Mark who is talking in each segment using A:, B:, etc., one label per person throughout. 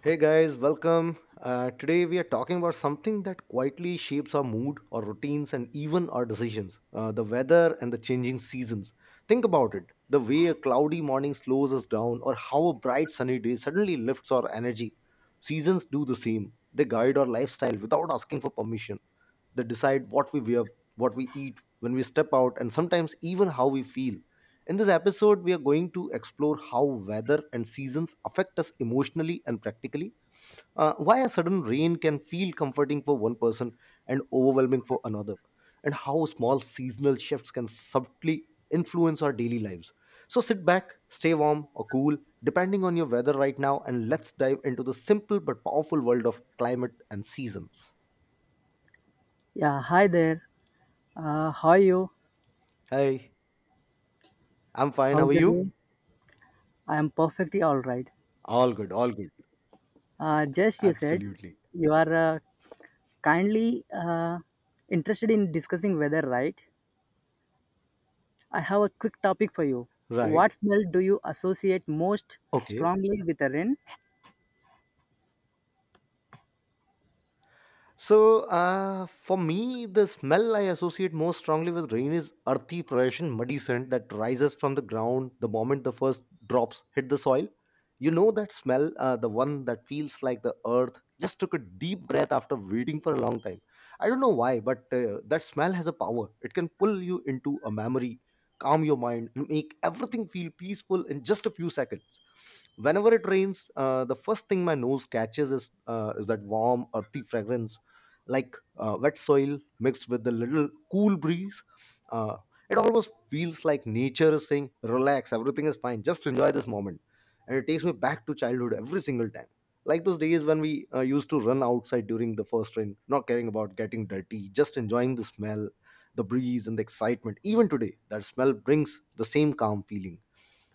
A: Hey guys, welcome. Today we are talking about something that quietly shapes our mood, our routines, and even our decisions: the weather and the changing seasons. Think about it: the way a cloudy morning slows us down, or how a bright sunny day suddenly lifts our energy. Seasons do the same. They guide our lifestyle without asking for permission. They decide what we wear, what we eat, when we step out, and sometimes even how we feel. In this episode, we are going to explore how weather and seasons affect us emotionally and practically, why a sudden rain can feel comforting for one person and overwhelming for another, and how small seasonal shifts can subtly influence our daily lives. So sit back, stay warm or cool, depending on your weather right now, and let's dive into the simple but powerful world of climate and seasons.
B: Yeah, hi there. How are you?
A: Hey, I'm fine. How are
B: How's your
A: you?
B: day? I am perfectly all right.
A: All good, all good.
B: Just you said
A: Absolutely.
B: you are kindly interested in discussing weather, right? I have a quick topic for you.
A: Right.
B: What smell do you associate most
A: Okay.
B: strongly with a rain?
A: So, for me, the smell I associate most strongly with rain is earthy perspiration, muddy scent that rises from the ground the moment the first drops hit the soil. You know that smell, the one that feels like the earth just took a deep breath after waiting for a long time. I don't know why, but that smell has a power. It can pull you into a memory, calm your mind, and make everything feel peaceful in just a few seconds. Whenever it rains, the first thing my nose catches is that warm earthy fragrance, like wet soil mixed with a little cool breeze. Uh, it almost feels like nature is saying, relax, everything is fine, just enjoy this moment. And it takes me back to childhood every single time, like those days when we used to run outside during the first rain, not caring about getting dirty, just enjoying the smell, the breeze, and the excitement. Even today, that smell brings the same calm feeling.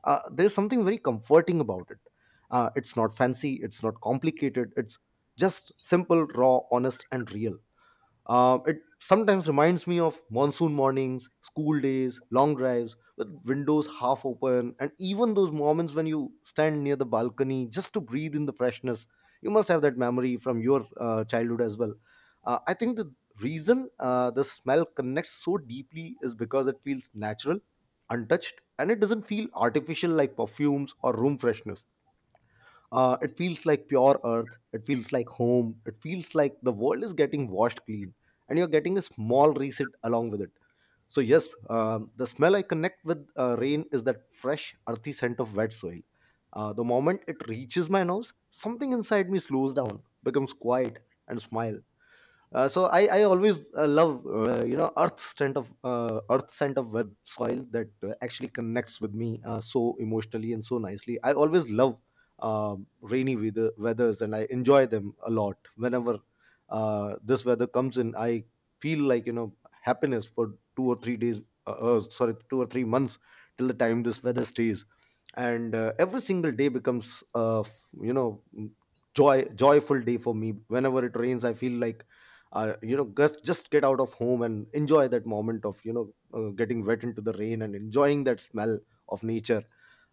A: There's something very comforting about it. It's not fancy, it's not complicated, it's just simple, raw, honest, and real. It sometimes reminds me of monsoon mornings, school days, long drives with windows half open, and even those moments when you stand near the balcony just to breathe in the freshness. You must have that memory from your childhood as well. I think the reason the smell connects so deeply is because it feels natural, untouched, and it doesn't feel artificial like perfumes or room freshness. It feels like pure earth. It feels like home. It feels like the world is getting washed clean, and you're getting a small reset along with it. So yes, the smell I connect with rain is that fresh, earthy scent of wet soil. The moment it reaches my nose, something inside me slows down, becomes quiet, and smile. So I always love, you know, earth scent of web soil that actually connects with me so emotionally and so nicely. I always love rainy weathers and I enjoy them a lot. Whenever this weather comes in, I feel like, you know, happiness for 2 or 3 days. Sorry, 2 or 3 months, till the time this weather stays, and every single day becomes you know, joyful day for me. Whenever it rains, I feel like, you know, just get out of home and enjoy that moment of, you know, getting wet into the rain and enjoying that smell of nature,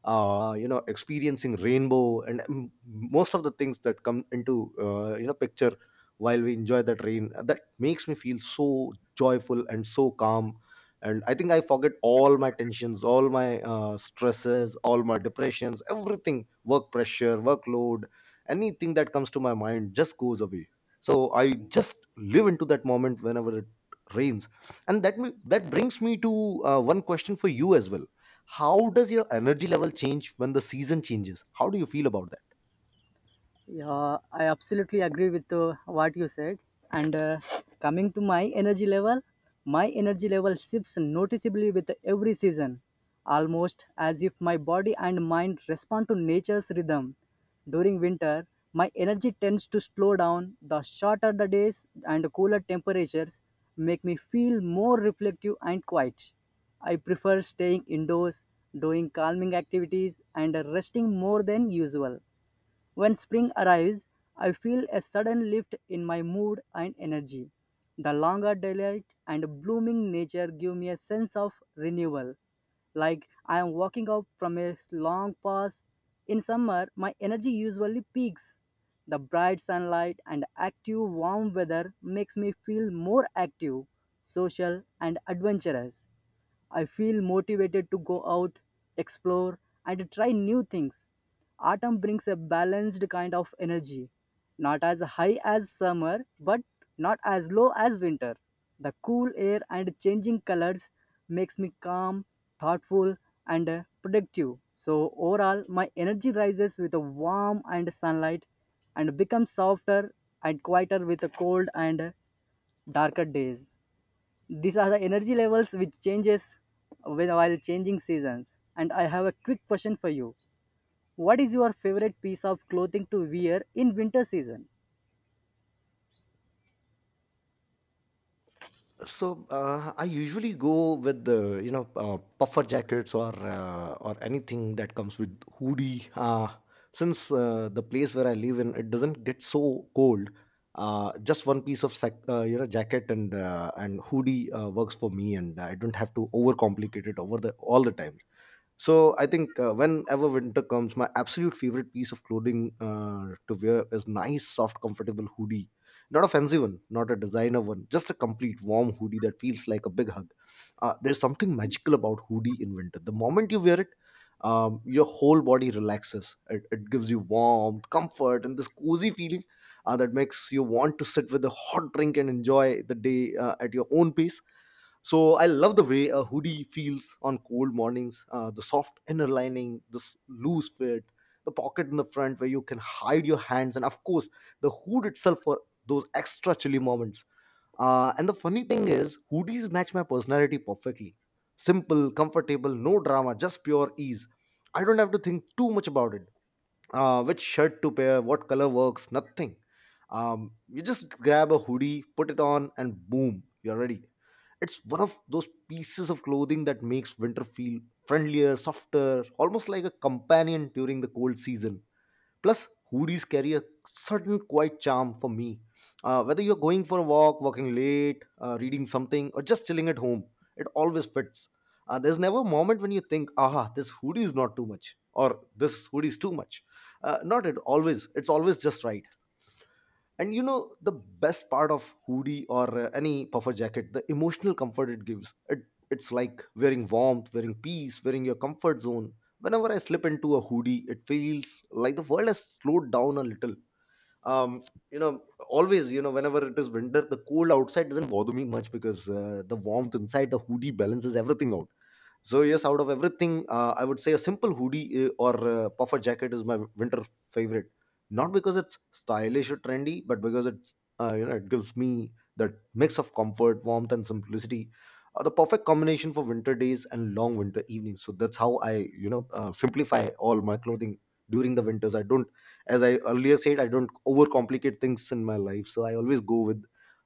A: you know, experiencing rainbow and most of the things that come into, you know, picture while we enjoy that rain. That makes me feel so joyful and so calm, and I think I forget all my tensions, all my stresses, all my depressions, everything, work pressure, workload, anything that comes to my mind just goes away. So I just live into that moment whenever it rains. And that brings me to one question for you as well. How does your energy level change when the season changes? How do you feel about that?
B: Yeah, I absolutely agree with what you said. And coming to my energy level shifts noticeably with every season, almost as if my body and mind respond to nature's rhythm. During winter, my energy tends to slow down. The shorter the days and cooler temperatures make me feel more reflective and quiet. I prefer staying indoors, doing calming activities, and resting more than usual. When spring arrives, I feel a sudden lift in my mood and energy. The longer daylight and blooming nature give me a sense of renewal. Like I am walking up from a long pass. In summer, my energy usually peaks. The bright sunlight and active warm weather makes me feel more active, social and adventurous. I feel motivated to go out, explore, and try new things. Autumn brings a balanced kind of energy, not as high as summer, but not as low as winter. The cool air and changing colors makes me calm, thoughtful, and productive. So overall, my energy rises with a warm and sunlight, and becomes softer and quieter with the cold and darker days. These are the energy levels which changes while changing seasons. And I have a quick question for you. What is your favorite piece of clothing to wear in winter season?
A: So, I usually go with the, you know, puffer jackets or anything that comes with hoodie. Since the place where I live in, it doesn't get so cold. Just one piece of you know, jacket and hoodie works for me, and I don't have to overcomplicate it over the all the time. So I think, whenever winter comes, my absolute favorite piece of clothing to wear is nice, soft, comfortable hoodie. Not a fancy one, not a designer one, just a complete warm hoodie that feels like a big hug. There's something magical about hoodie in winter. The moment you wear it, your whole body relaxes. It gives you warmth, comfort, and this cozy feeling that makes you want to sit with a hot drink and enjoy the day at your own pace. So I love the way a hoodie feels on cold mornings. The soft inner lining, this loose fit, the pocket in the front where you can hide your hands, and of course the hood itself for those extra chilly moments. And the funny thing is, hoodies match my personality perfectly. Simple, comfortable, no drama, just pure ease. I don't have to think too much about it. Which shirt to pair, what color works, nothing. You just grab a hoodie, put it on, and boom, you're ready. It's one of those pieces of clothing that makes winter feel friendlier, softer, almost like a companion during the cold season. Plus, hoodies carry a certain quiet charm for me. Whether you're going for a walk, working late, reading something, or just chilling at home, it always fits. There's never a moment when you think, aha, this hoodie is not too much, or this hoodie is too much. Not it always, It's always just right. And you know the best part of hoodie or any puffer jacket, the emotional comfort it gives. It, it's like wearing warmth, wearing peace, wearing your comfort zone. Whenever I slip into a hoodie, it feels like the world has slowed down a little. Um, you know, always, you know, whenever it is winter, the cold outside doesn't bother me much because the warmth inside the hoodie balances everything out. So yes, out of everything, I would say a simple hoodie or puffer jacket is my winter favorite. Not because it's stylish or trendy, but because it's you know, it gives me that mix of comfort, warmth, and simplicity, the perfect combination for winter days and long winter evenings. So that's how I, you know, simplify all my clothing during the winters. I don't, as I earlier said, I don't overcomplicate things in my life. So I always go with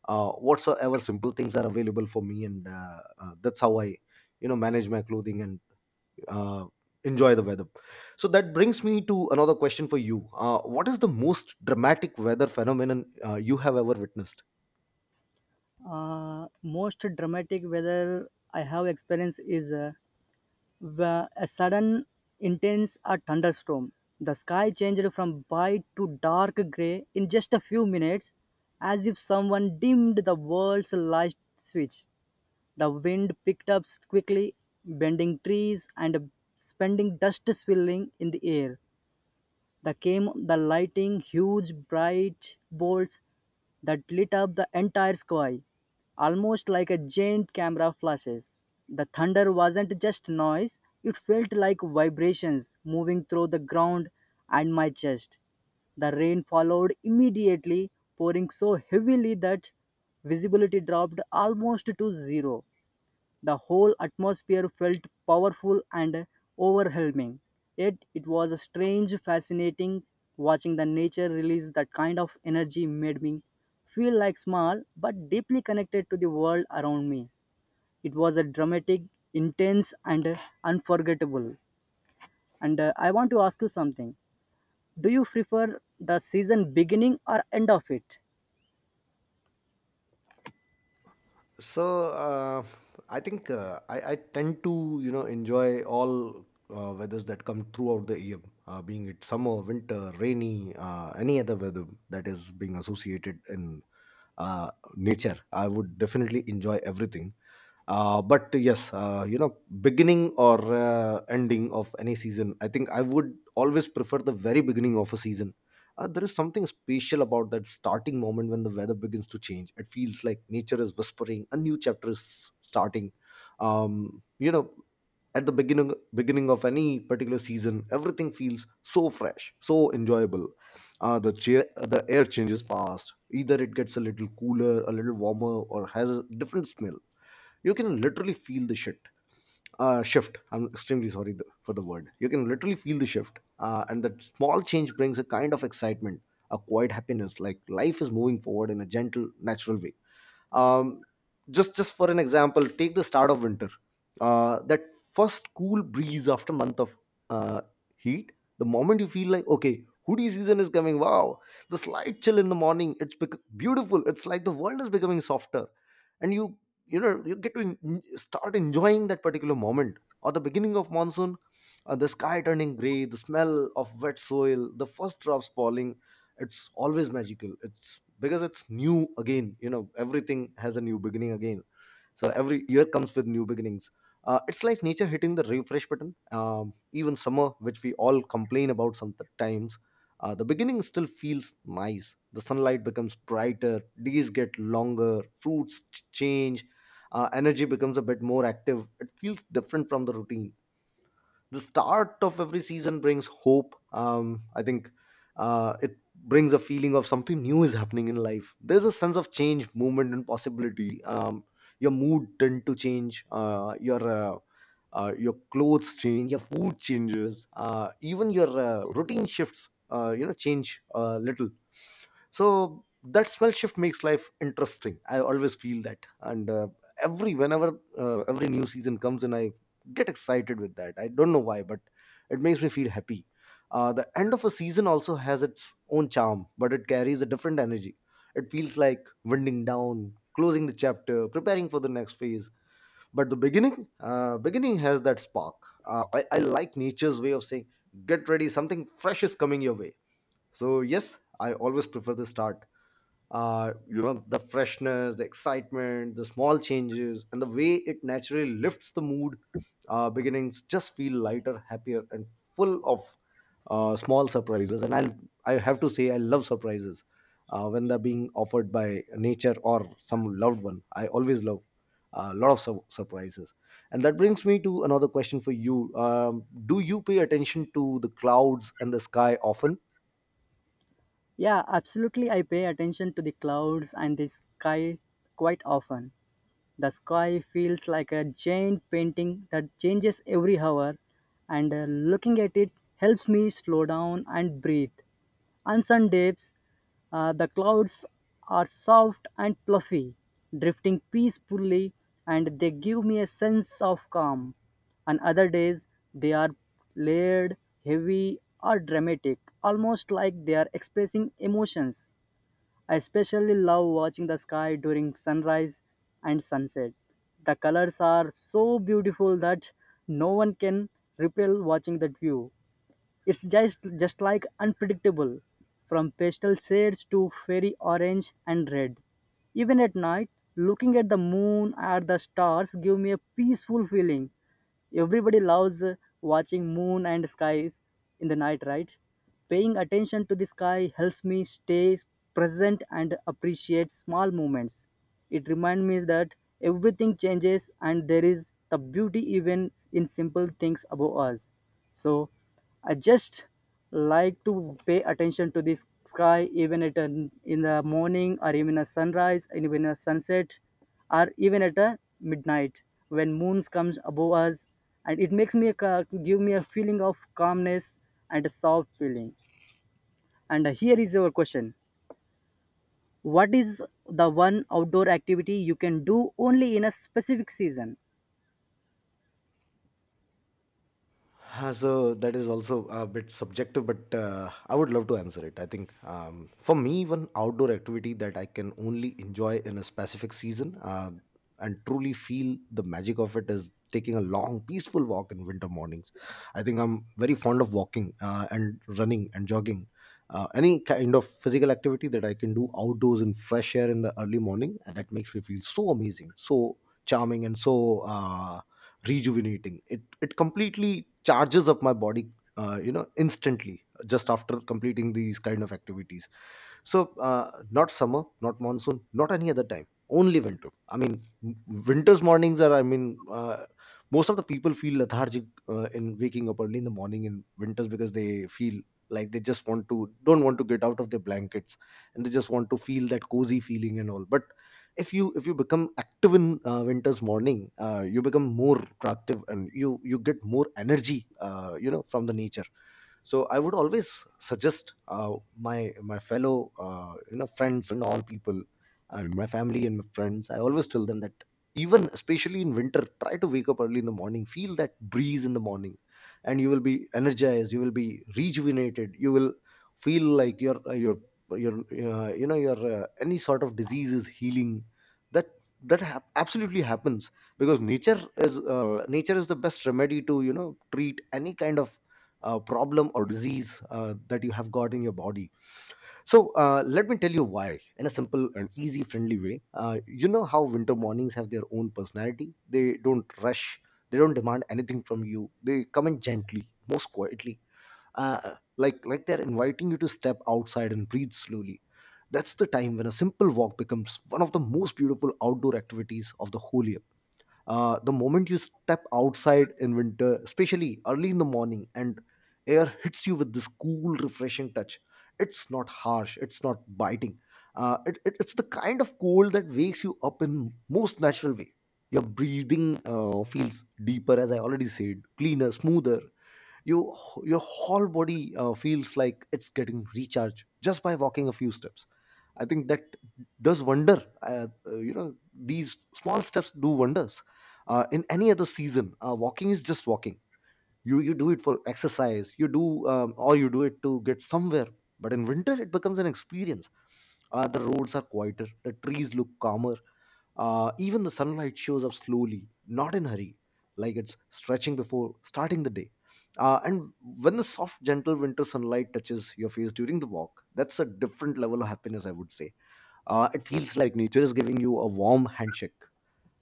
A: whatsoever simple things are available for me, and that's how I, you know, manage my clothing and uh, enjoy the weather. So that brings me to another question for you. Uh, what is the most dramatic weather phenomenon you have ever witnessed?
B: Most dramatic weather I have experienced is a sudden intense a thunderstorm. The sky changed from bright to dark gray in just a few minutes, as if someone dimmed the world's light switch. The wind picked up quickly, bending trees and spending dust swirling in the air. There came the lightning, huge bright bolts that lit up the entire sky, almost like a giant camera flashes. The thunder wasn't just noise, it felt like vibrations moving through the ground and my chest. The rain followed immediately, pouring so heavily that visibility dropped almost to zero. The whole atmosphere felt powerful and overwhelming. Yet it was a strange, fascinating watching the nature release that kind of energy made me feel like small but deeply connected to the world around me. It was a dramatic, intense, and unforgettable. And I want to ask you something. Do you prefer the season beginning or end of it?
A: So uh, i think uh, I, I tend to, you know, enjoy all weathers that come throughout the year, being it summer, winter, rainy, any other weather that is being associated in nature. I would definitely enjoy everything. But yes, you know, beginning or ending of any season, I think I would always prefer the very beginning of a season. Uh, there is something special about that starting moment when the weather begins to change. It feels like nature is whispering a new chapter is starting. You know, at the beginning of any particular season, everything feels so fresh, so enjoyable. The air changes fast, either it gets a little cooler, a little warmer, or has a different smell. You can literally feel the shit shift. I'm extremely sorry for the word. You can literally feel the shift. Uh, and that small change brings a kind of excitement, a quiet happiness, like life is moving forward in a gentle natural way. Um, just just for an example, take the start of winter, that first cool breeze after month of uh, heat. The moment you feel like, okay, hoodie season is coming, wow, the slight chill in the morning, it's beautiful. It's like the world is becoming softer, and you know, you get to start enjoying that particular moment. Or the beginning of monsoon, the sky turning gray, the smell of wet soil, the first drops falling, it's always magical. It's because it's new again. You know, everything has a new beginning again. So every year comes with new beginnings. It's like nature hitting the refresh button. Even summer, which we all complain about sometimes, the beginning still feels nice. The sunlight becomes brighter, days get longer, fruits change. Energy becomes a bit more active. It feels different from the routine. The start of every season brings hope, I think. It brings a feeling of something new is happening in life. There's a sense of change, movement and possibility. Your mood tend to change. Your clothes change, your food changes, even your routine shifts, you know, change a little. So that smell shift makes life interesting. I always feel that, and every whenever every new season comes in, I get excited with that. I don't know why, but it makes me feel happy. The end of a season also has its own charm, but it carries a different energy. It feels like winding down, closing the chapter, preparing for the next phase. But the beginning, beginning has that spark. I like nature's way of saying, get ready, something fresh is coming your way. So yes, I always prefer the start. You know, the freshness, the excitement, the small changes, and the way it naturally lifts the mood. Beginnings just feel lighter, happier and full of small surprises, and I have to say, I love surprises. When they're being offered by nature or some loved one, I always love a lot of surprises. And that brings me to another question for you. Do you pay attention to the clouds and the sky often?
B: Yeah, absolutely. I pay attention to the clouds and the sky quite often. The sky feels like a giant painting that changes every hour, and looking at it helps me slow down and breathe. On some days, the clouds are soft and fluffy, drifting peacefully, and they give me a sense of calm. On other days, they are layered, heavy, or dramatic, almost like they are expressing emotions. I especially love watching the sky during sunrise and sunset. The colors are so beautiful that no one can repel watching that view. It's just like unpredictable, from pastel shades to fairy orange and red. Even at night, looking at the moon or the stars give me a peaceful feeling. Everybody loves watching moon and skies in the night, right? Paying attention to the sky helps me stay present and appreciate small moments. It reminds me that everything changes and there is the beauty even in simple things above us. So I just like to pay attention to the sky even at an, in the morning or even a sunrise and even a sunset or even at a midnight when moons comes above us, and it makes me a give me a feeling of calmness and a soft feeling. And here is your question. What is the one outdoor activity you can do only in a specific season?
A: So that is also a bit subjective, but I would love to answer it. I think for me, one outdoor activity that I can only enjoy in a specific season and truly feel the magic of it is taking a long, peaceful walk in winter mornings. I think I'm very fond of walking and running and jogging. Any kind of physical activity that I can do outdoors in fresh air in the early morning, that makes me feel so amazing, so charming, and so. Rejuvenating, it completely charges up my body, you know, instantly just after completing these kind of activities. So not summer, not monsoon, not any other time. Only winter. I mean, winter's mornings are. I mean, most of the people feel lethargic in waking up early in the morning in winters, because they feel like they just want to don't want to get out of their blankets, and they just want to feel that cozy feeling and all. But if you become active in winter's morning, you become more proactive, and you get more energy. You know, from the nature. So I would always suggest my fellow, you know, friends and all people and my family and my friends. I always tell them that, even especially in winter, try to wake up early in the morning, feel that breeze in the morning, and you will be energized, you will be rejuvenated, you will feel like your your you know, your any sort of disease is healing. That absolutely happens, because nature is, nature is the best remedy to, you know, treat any kind of problem or disease that you have got in your body. So let me tell you why in a simple and easy, friendly way. You know how winter mornings have their own personality. They don't rush. They don't demand anything from you. They come in gently, most quietly, like they're inviting you to step outside and breathe slowly. That's the time when a simple walk becomes one of the most beautiful outdoor activities of the whole year. The moment you step outside in winter, especially early in the morning, and air hits you with this cool, refreshing touch, it's not harsh, it's not biting. It's the kind of cold that wakes you up in most natural way. Your breathing feels deeper, as I already said, cleaner, smoother. You, your whole body feels like it's getting recharged just by walking a few steps. I think that does wonder. You know, these small steps do wonders. In any other season, walking is just walking. You do it for exercise, you do or you do it to get somewhere, but in winter it becomes an experience. The roads are quieter, the trees look calmer, even the sunlight shows up slowly, not in hurry, like it's stretching before starting the day. And when the soft gentle winter sunlight touches your face during the walk, that's a different level of happiness, I would say. It feels like nature is giving you a warm handshake.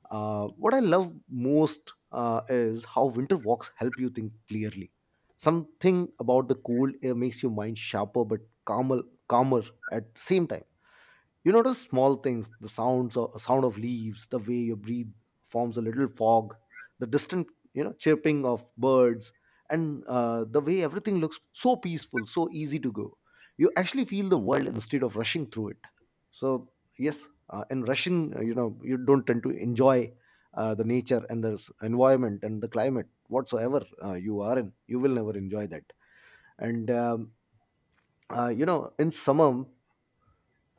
A: What I love most is how winter walks help you think clearly. Something about the cold air makes your mind sharper but calmer, calmer at the same time. You notice small things, the sounds of, sound of leaves, the way your breathe forms a little fog, the distant, you know, chirping of birds, and the way everything looks so peaceful, so easy to go. You actually feel the world instead of rushing through it. So yes, in rushing, you know, you don't tend to enjoy the nature and the environment and the climate. Whatsoever you are in, you will never enjoy that. And you know, in summer,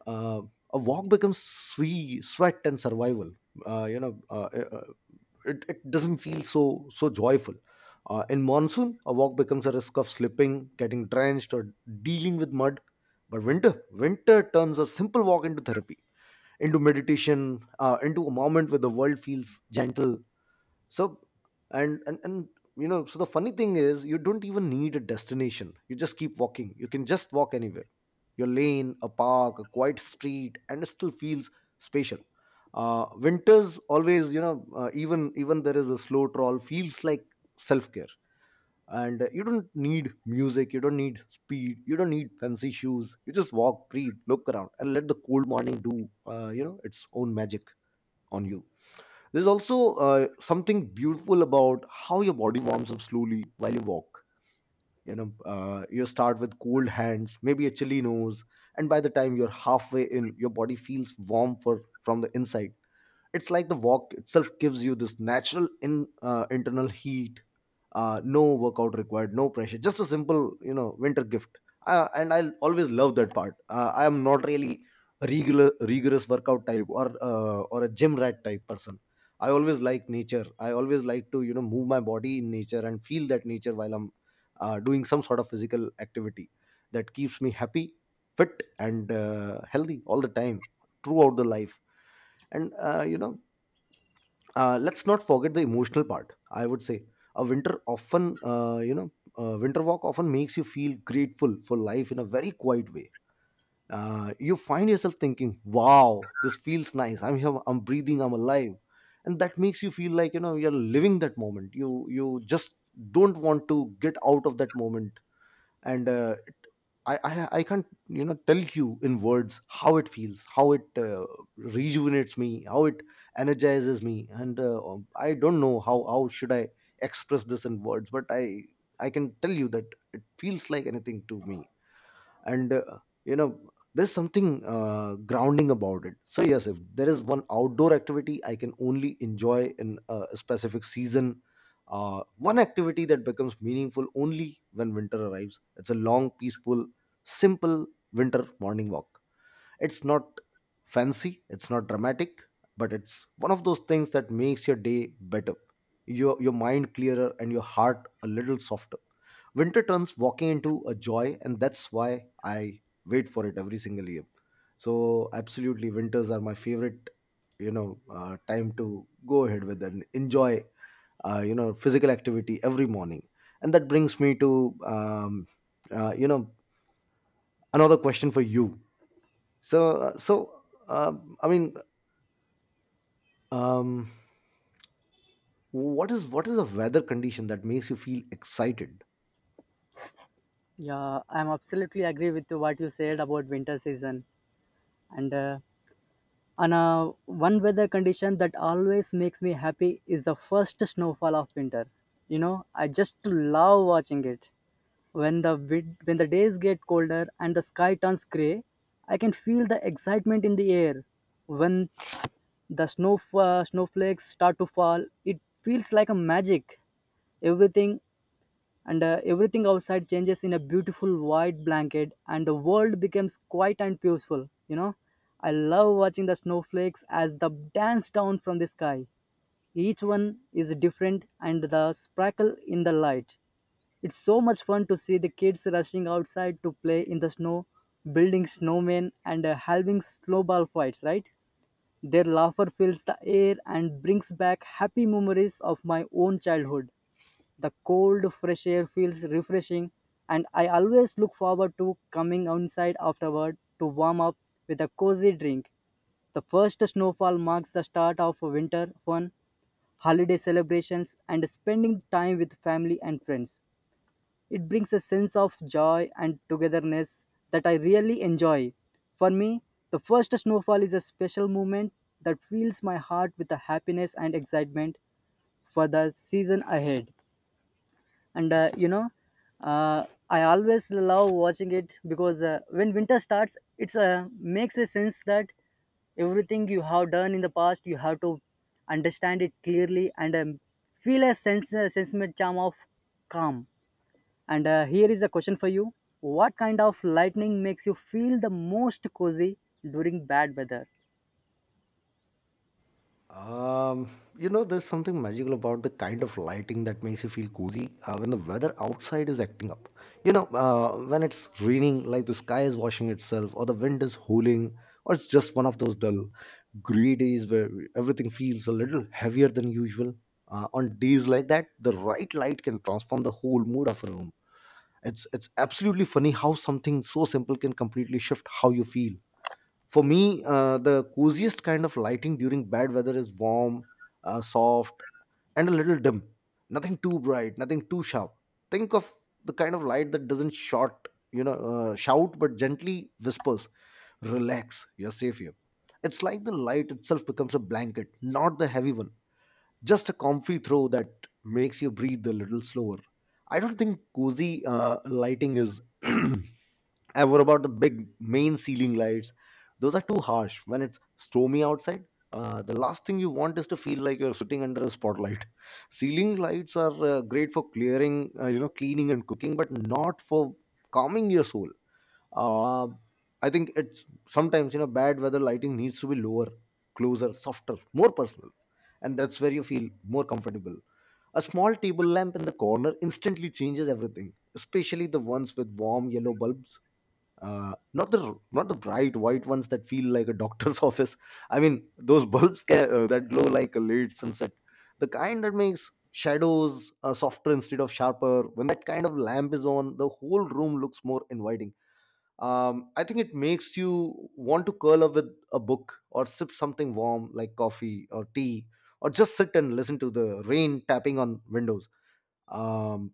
A: uh, a walk becomes sweat, sweat and survival. Uh, you know, uh, uh, uh, it doesn't feel so so joyful. In monsoon, a walk becomes a risk of slipping, getting drenched, or dealing with mud. But winter, winter turns a simple walk into therapy, into meditation, into a moment where the world feels gentle. So and you know, so the funny thing is you don't even need a destination. You just keep walking. You can just walk anywhere. Your lane, a park, a quiet street, and it still feels spatial. Winters always, you know, even there is a slow troll feels like self care. And you don't need music, you don't need speed, you don't need fancy shoes. You just walk, breathe, look around, and let the cold morning do, you know, its own magic on you. There's also something beautiful about how your body warms up slowly while you walk. You know, you start with cold hands, maybe a chilly nose, and by the time you're halfway in, your body feels warm for from the inside. It's like the walk itself gives you this natural in internal heat. No workout required, no pressure, just a simple, you know, winter gift. And I always love that part. I am not really a regular rigorous workout type, or a gym rat type person. I always like nature, I always like to, you know, move my body in nature and feel that nature while I'm doing some sort of physical activity. That keeps me happy, fit and healthy all the time, throughout the life. And you know, let's not forget the emotional part, I would say. A winter walk often makes you feel grateful for life in a very quiet way. You find yourself thinking, wow, this feels nice, I'm here, I'm breathing, I'm alive. And that makes you feel like, you know, you're living that moment. You just don't want to get out of that moment. And I can't, you know, tell you in words how it feels, how it rejuvenates me, how it energizes me. And I don't know how should I express this in words, but I can tell you that it feels like anything to me. And you know, there's something grounding about it. So yes, if there is one outdoor activity I can only enjoy in a specific season, one activity that becomes meaningful only when winter arrives, it's a long, peaceful, simple winter morning walk. It's not fancy, it's not dramatic, but it's one of those things that makes your day better. Your mind clearer and your heart a little softer. Winter turns walking into a joy, and that's why I wait for it every single year. So absolutely, winters are my favorite. You know, time to go ahead with and enjoy. You know, physical activity every morning, and that brings me to uh, you know another question for you. so, uh, so um I mean, um, what is a weather condition that makes you feel excited?
B: Yeah, I'm absolutely agree with what you said about winter season. And uh, And One weather condition that always makes me happy is the first snowfall of winter. You know, I just love watching it. When when the days get colder and the sky turns gray, I can feel the excitement in the air. When the snow snowflakes start to fall, it feels like a magic. Everything Everything outside changes in a beautiful white blanket, and the world becomes quiet and peaceful. You know, I love watching the snowflakes as they dance down from the sky. Each one is different and the sparkle in the light. It's so much fun to see the kids rushing outside to play in the snow, building snowmen and having snowball fights, right? Their laughter fills the air and brings back happy memories of my own childhood. The cold, fresh air feels refreshing, and I always look forward to coming outside afterward to warm up with a cozy drink. The first snowfall marks the start of winter fun, holiday celebrations, and spending time with family and friends. It brings a sense of joy and togetherness that I really enjoy. For me, the first snowfall is a special moment that fills my heart with the happiness and excitement for the season ahead. And uh, I always love watching it because when winter starts, it's makes a sense that everything you have done in the past, you have to understand it clearly and feel a sense, a sentiment charm of calm. And here is a question for you. What kind of lightning makes you feel the most cozy during bad weather?
A: Um, you know, there's something magical about the kind of lighting that makes you feel cozy when the weather outside is acting up. You know, when it's raining, like the sky is washing itself, or the wind is howling, or it's just one of those dull, gray days where everything feels a little heavier than usual. On days like that, the right light can transform the whole mood of a room. It's absolutely funny how something so simple can completely shift how you feel. For me, the coziest kind of lighting during bad weather is warm, soft, and a little dim. Nothing too bright, nothing too sharp. Think of the kind of light that doesn't short you know shout but gently whispers, relax, you're safe here. It's like the light itself becomes a blanket, not the heavy one, just a comfy throw that makes you breathe a little slower. I don't think cozy lighting is ever about the big main ceiling lights. Those are too harsh when it's stormy outside. The last thing you want is to feel like you're sitting under a spotlight. Ceiling lights are great for clearing, cleaning and cooking, but not for calming your soul. uh, I think it's sometimes you know bad weather lighting needs to be lower, closer, softer, more personal, and that's where you feel more comfortable. A small table lamp in the corner instantly changes everything, especially the ones with warm yellow bulbs, not the bright white ones that feel like a doctor's office. I mean, those that glow like a late sunset, the kind that makes shadows softer instead of sharper. When that kind of lamp is on, the whole room looks more inviting. I think it makes you want to curl up with a book or sip something warm like coffee or tea, or just sit and listen to the rain tapping on windows. um,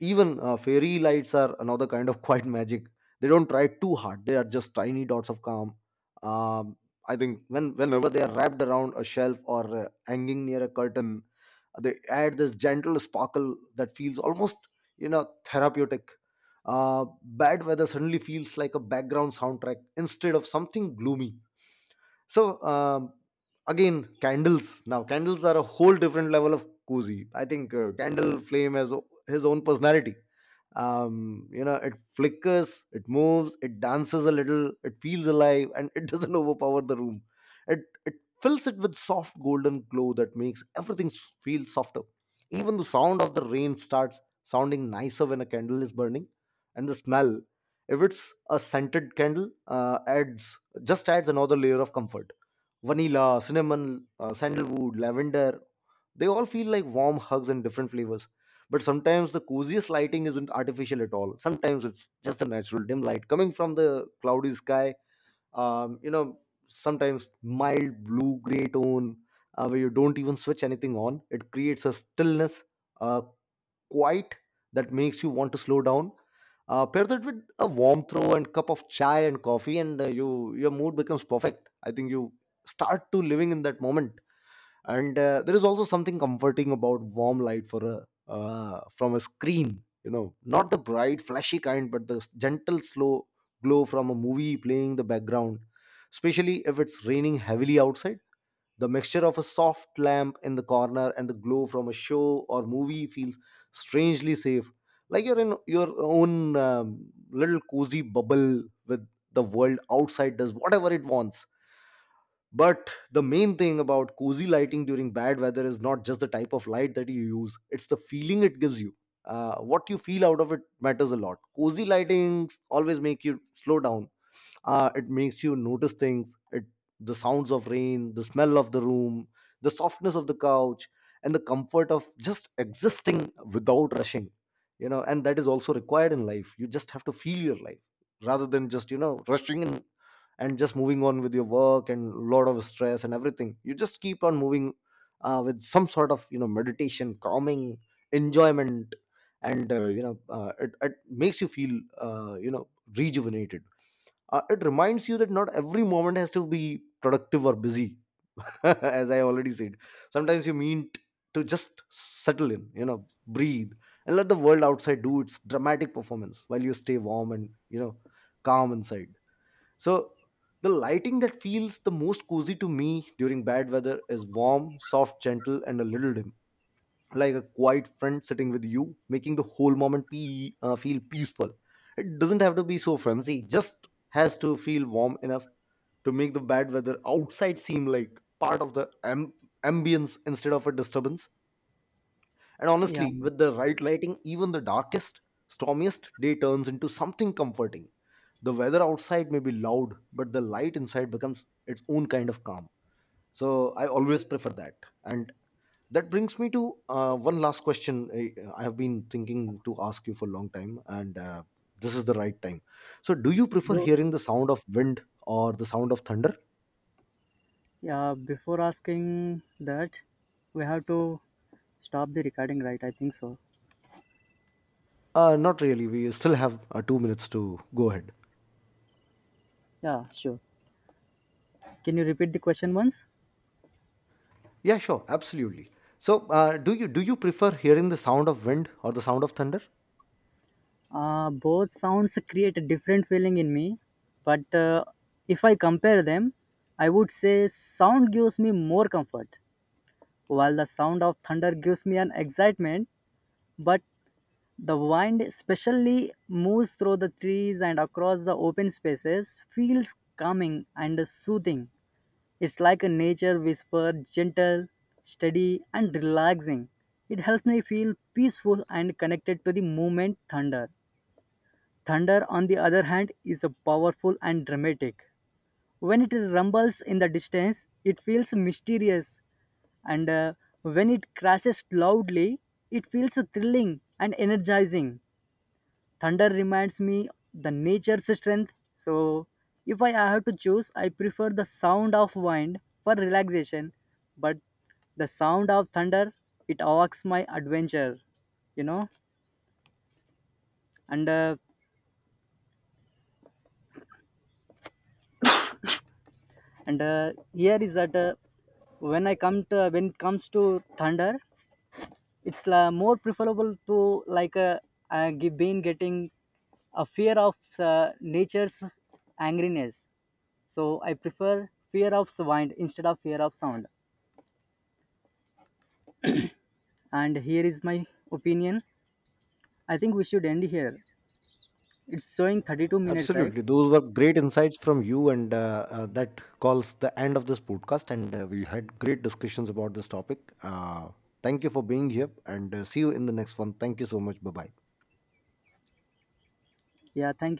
A: Even fairy lights are another kind of quiet magic. They don't try too hard; they are just tiny dots of calm. um, I think whenever they are wrapped around a shelf or hanging near a curtain, they add this gentle sparkle that feels almost, you know, therapeutic. Bad weather suddenly feels like a background soundtrack instead of something gloomy. so um, Again, candles. Now candles are a whole different level of cozy. I think candle flame has his own personality. You know, it flickers, it moves, it dances a little, it feels alive, and it doesn't overpower the room. It it fills it with soft golden glow that makes everything feel softer. Even the sound of the rain starts sounding nicer when a candle is burning. And the smell, if it's a scented candle, adds just adds another layer of comfort. Vanilla, cinnamon, sandalwood, lavender, they all feel like warm hugs in different flavors. But sometimes the coziest lighting isn't artificial at all. Sometimes it's just the natural dim light coming from the cloudy sky. You know, sometimes mild blue gray tone, where you don't even switch anything on. It creates a stillness, a quiet that makes you want to slow down. Pair that with a warm throw and cup of chai and coffee, and you your mood becomes perfect. I think you start to living in that moment. And There is also something comforting about warm light for a from a screen, you know, not the bright flashy kind but the gentle slow glow from a movie playing in the background, especially if it's raining heavily outside. The mixture of a soft lamp in the corner and the glow from a show or movie feels strangely safe, like you're in your own little cozy bubble with the world outside does whatever it wants. But the main thing about cozy lighting during bad weather is not just the type of light that you use, it's the feeling it gives you. What you feel out of it matters a lot. Cozy lightings always make you slow down. It makes you notice things, it, the sounds of rain, the smell of the room, the softness of the couch, and the comfort of just existing without rushing. You know, and that is also required in life. You just have to feel your life rather than just, you know, rushing and just moving on with your work and a lot of stress and everything, you just keep on moving with some sort of, you know, meditation, calming, enjoyment. And you know it, It makes you feel, you know, rejuvenated. It reminds you that not every moment has to be productive or busy. As I already said, sometimes you mean to just settle in, you know, breathe, and let the world outside do its dramatic performance while you stay warm and, you know, calm inside. So the lighting that feels the most cozy to me during bad weather is warm, soft, gentle, and a little dim, like a quiet friend sitting with you, making the whole moment feel peaceful. It doesn't have to be so fancy; just has to feel warm enough to make the bad weather outside seem like part of the ambience instead of a disturbance. And
B: Yeah,
A: honestly, with the right lighting, even the darkest, stormiest day turns into something comforting. The weather outside may be loud, but the light inside becomes its own kind of calm. So I always prefer that. And that brings me to one last question I have been thinking to ask you for a long time, and this is the right time. So, do you prefer
B: bro.
A: hearing the sound of wind or the sound of thunder?
B: Yeah, before asking that, we have to stop the recording, right? I think so.
A: Not really. We still have 2 minutes to go ahead.
B: Yeah, sure. Can you repeat the question once?
A: Yeah, sure, absolutely. So, do you prefer hearing the sound of wind or the sound of thunder?
B: Both sounds create a different feeling in me, but if I compare them, I would say sound gives me more comfort, while the sound of thunder gives me an excitement, but the wind especially moves through the trees and across the open spaces, feels calming and soothing. It's like a nature whisper, gentle, steady, and relaxing. It helps me feel peaceful and connected to the moment. Thunder. Thunder, on the other hand, is a powerful and dramatic. When it rumbles in the distance, it feels mysterious, and when it crashes loudly, it feels thrilling and energizing. Thunder reminds me the nature's strength. So if I have to choose, I prefer the sound of wind for relaxation, but the sound of thunder, it awakes my adventure, you know. And uh, and here is that When I come to when it comes to thunder, it's more preferable to like uh, been getting a fear of uh, nature's angriness. So I prefer fear of sound instead of fear of sound. And here is my opinion. I think we should end here. It's showing 32 minutes, right?
A: Absolutely. Those were great insights from you, and that calls the end of this podcast. And we had great discussions about this topic. Thank you for being here, and see you in the next one. Thank you so much. Bye bye.
B: Yeah, thank you.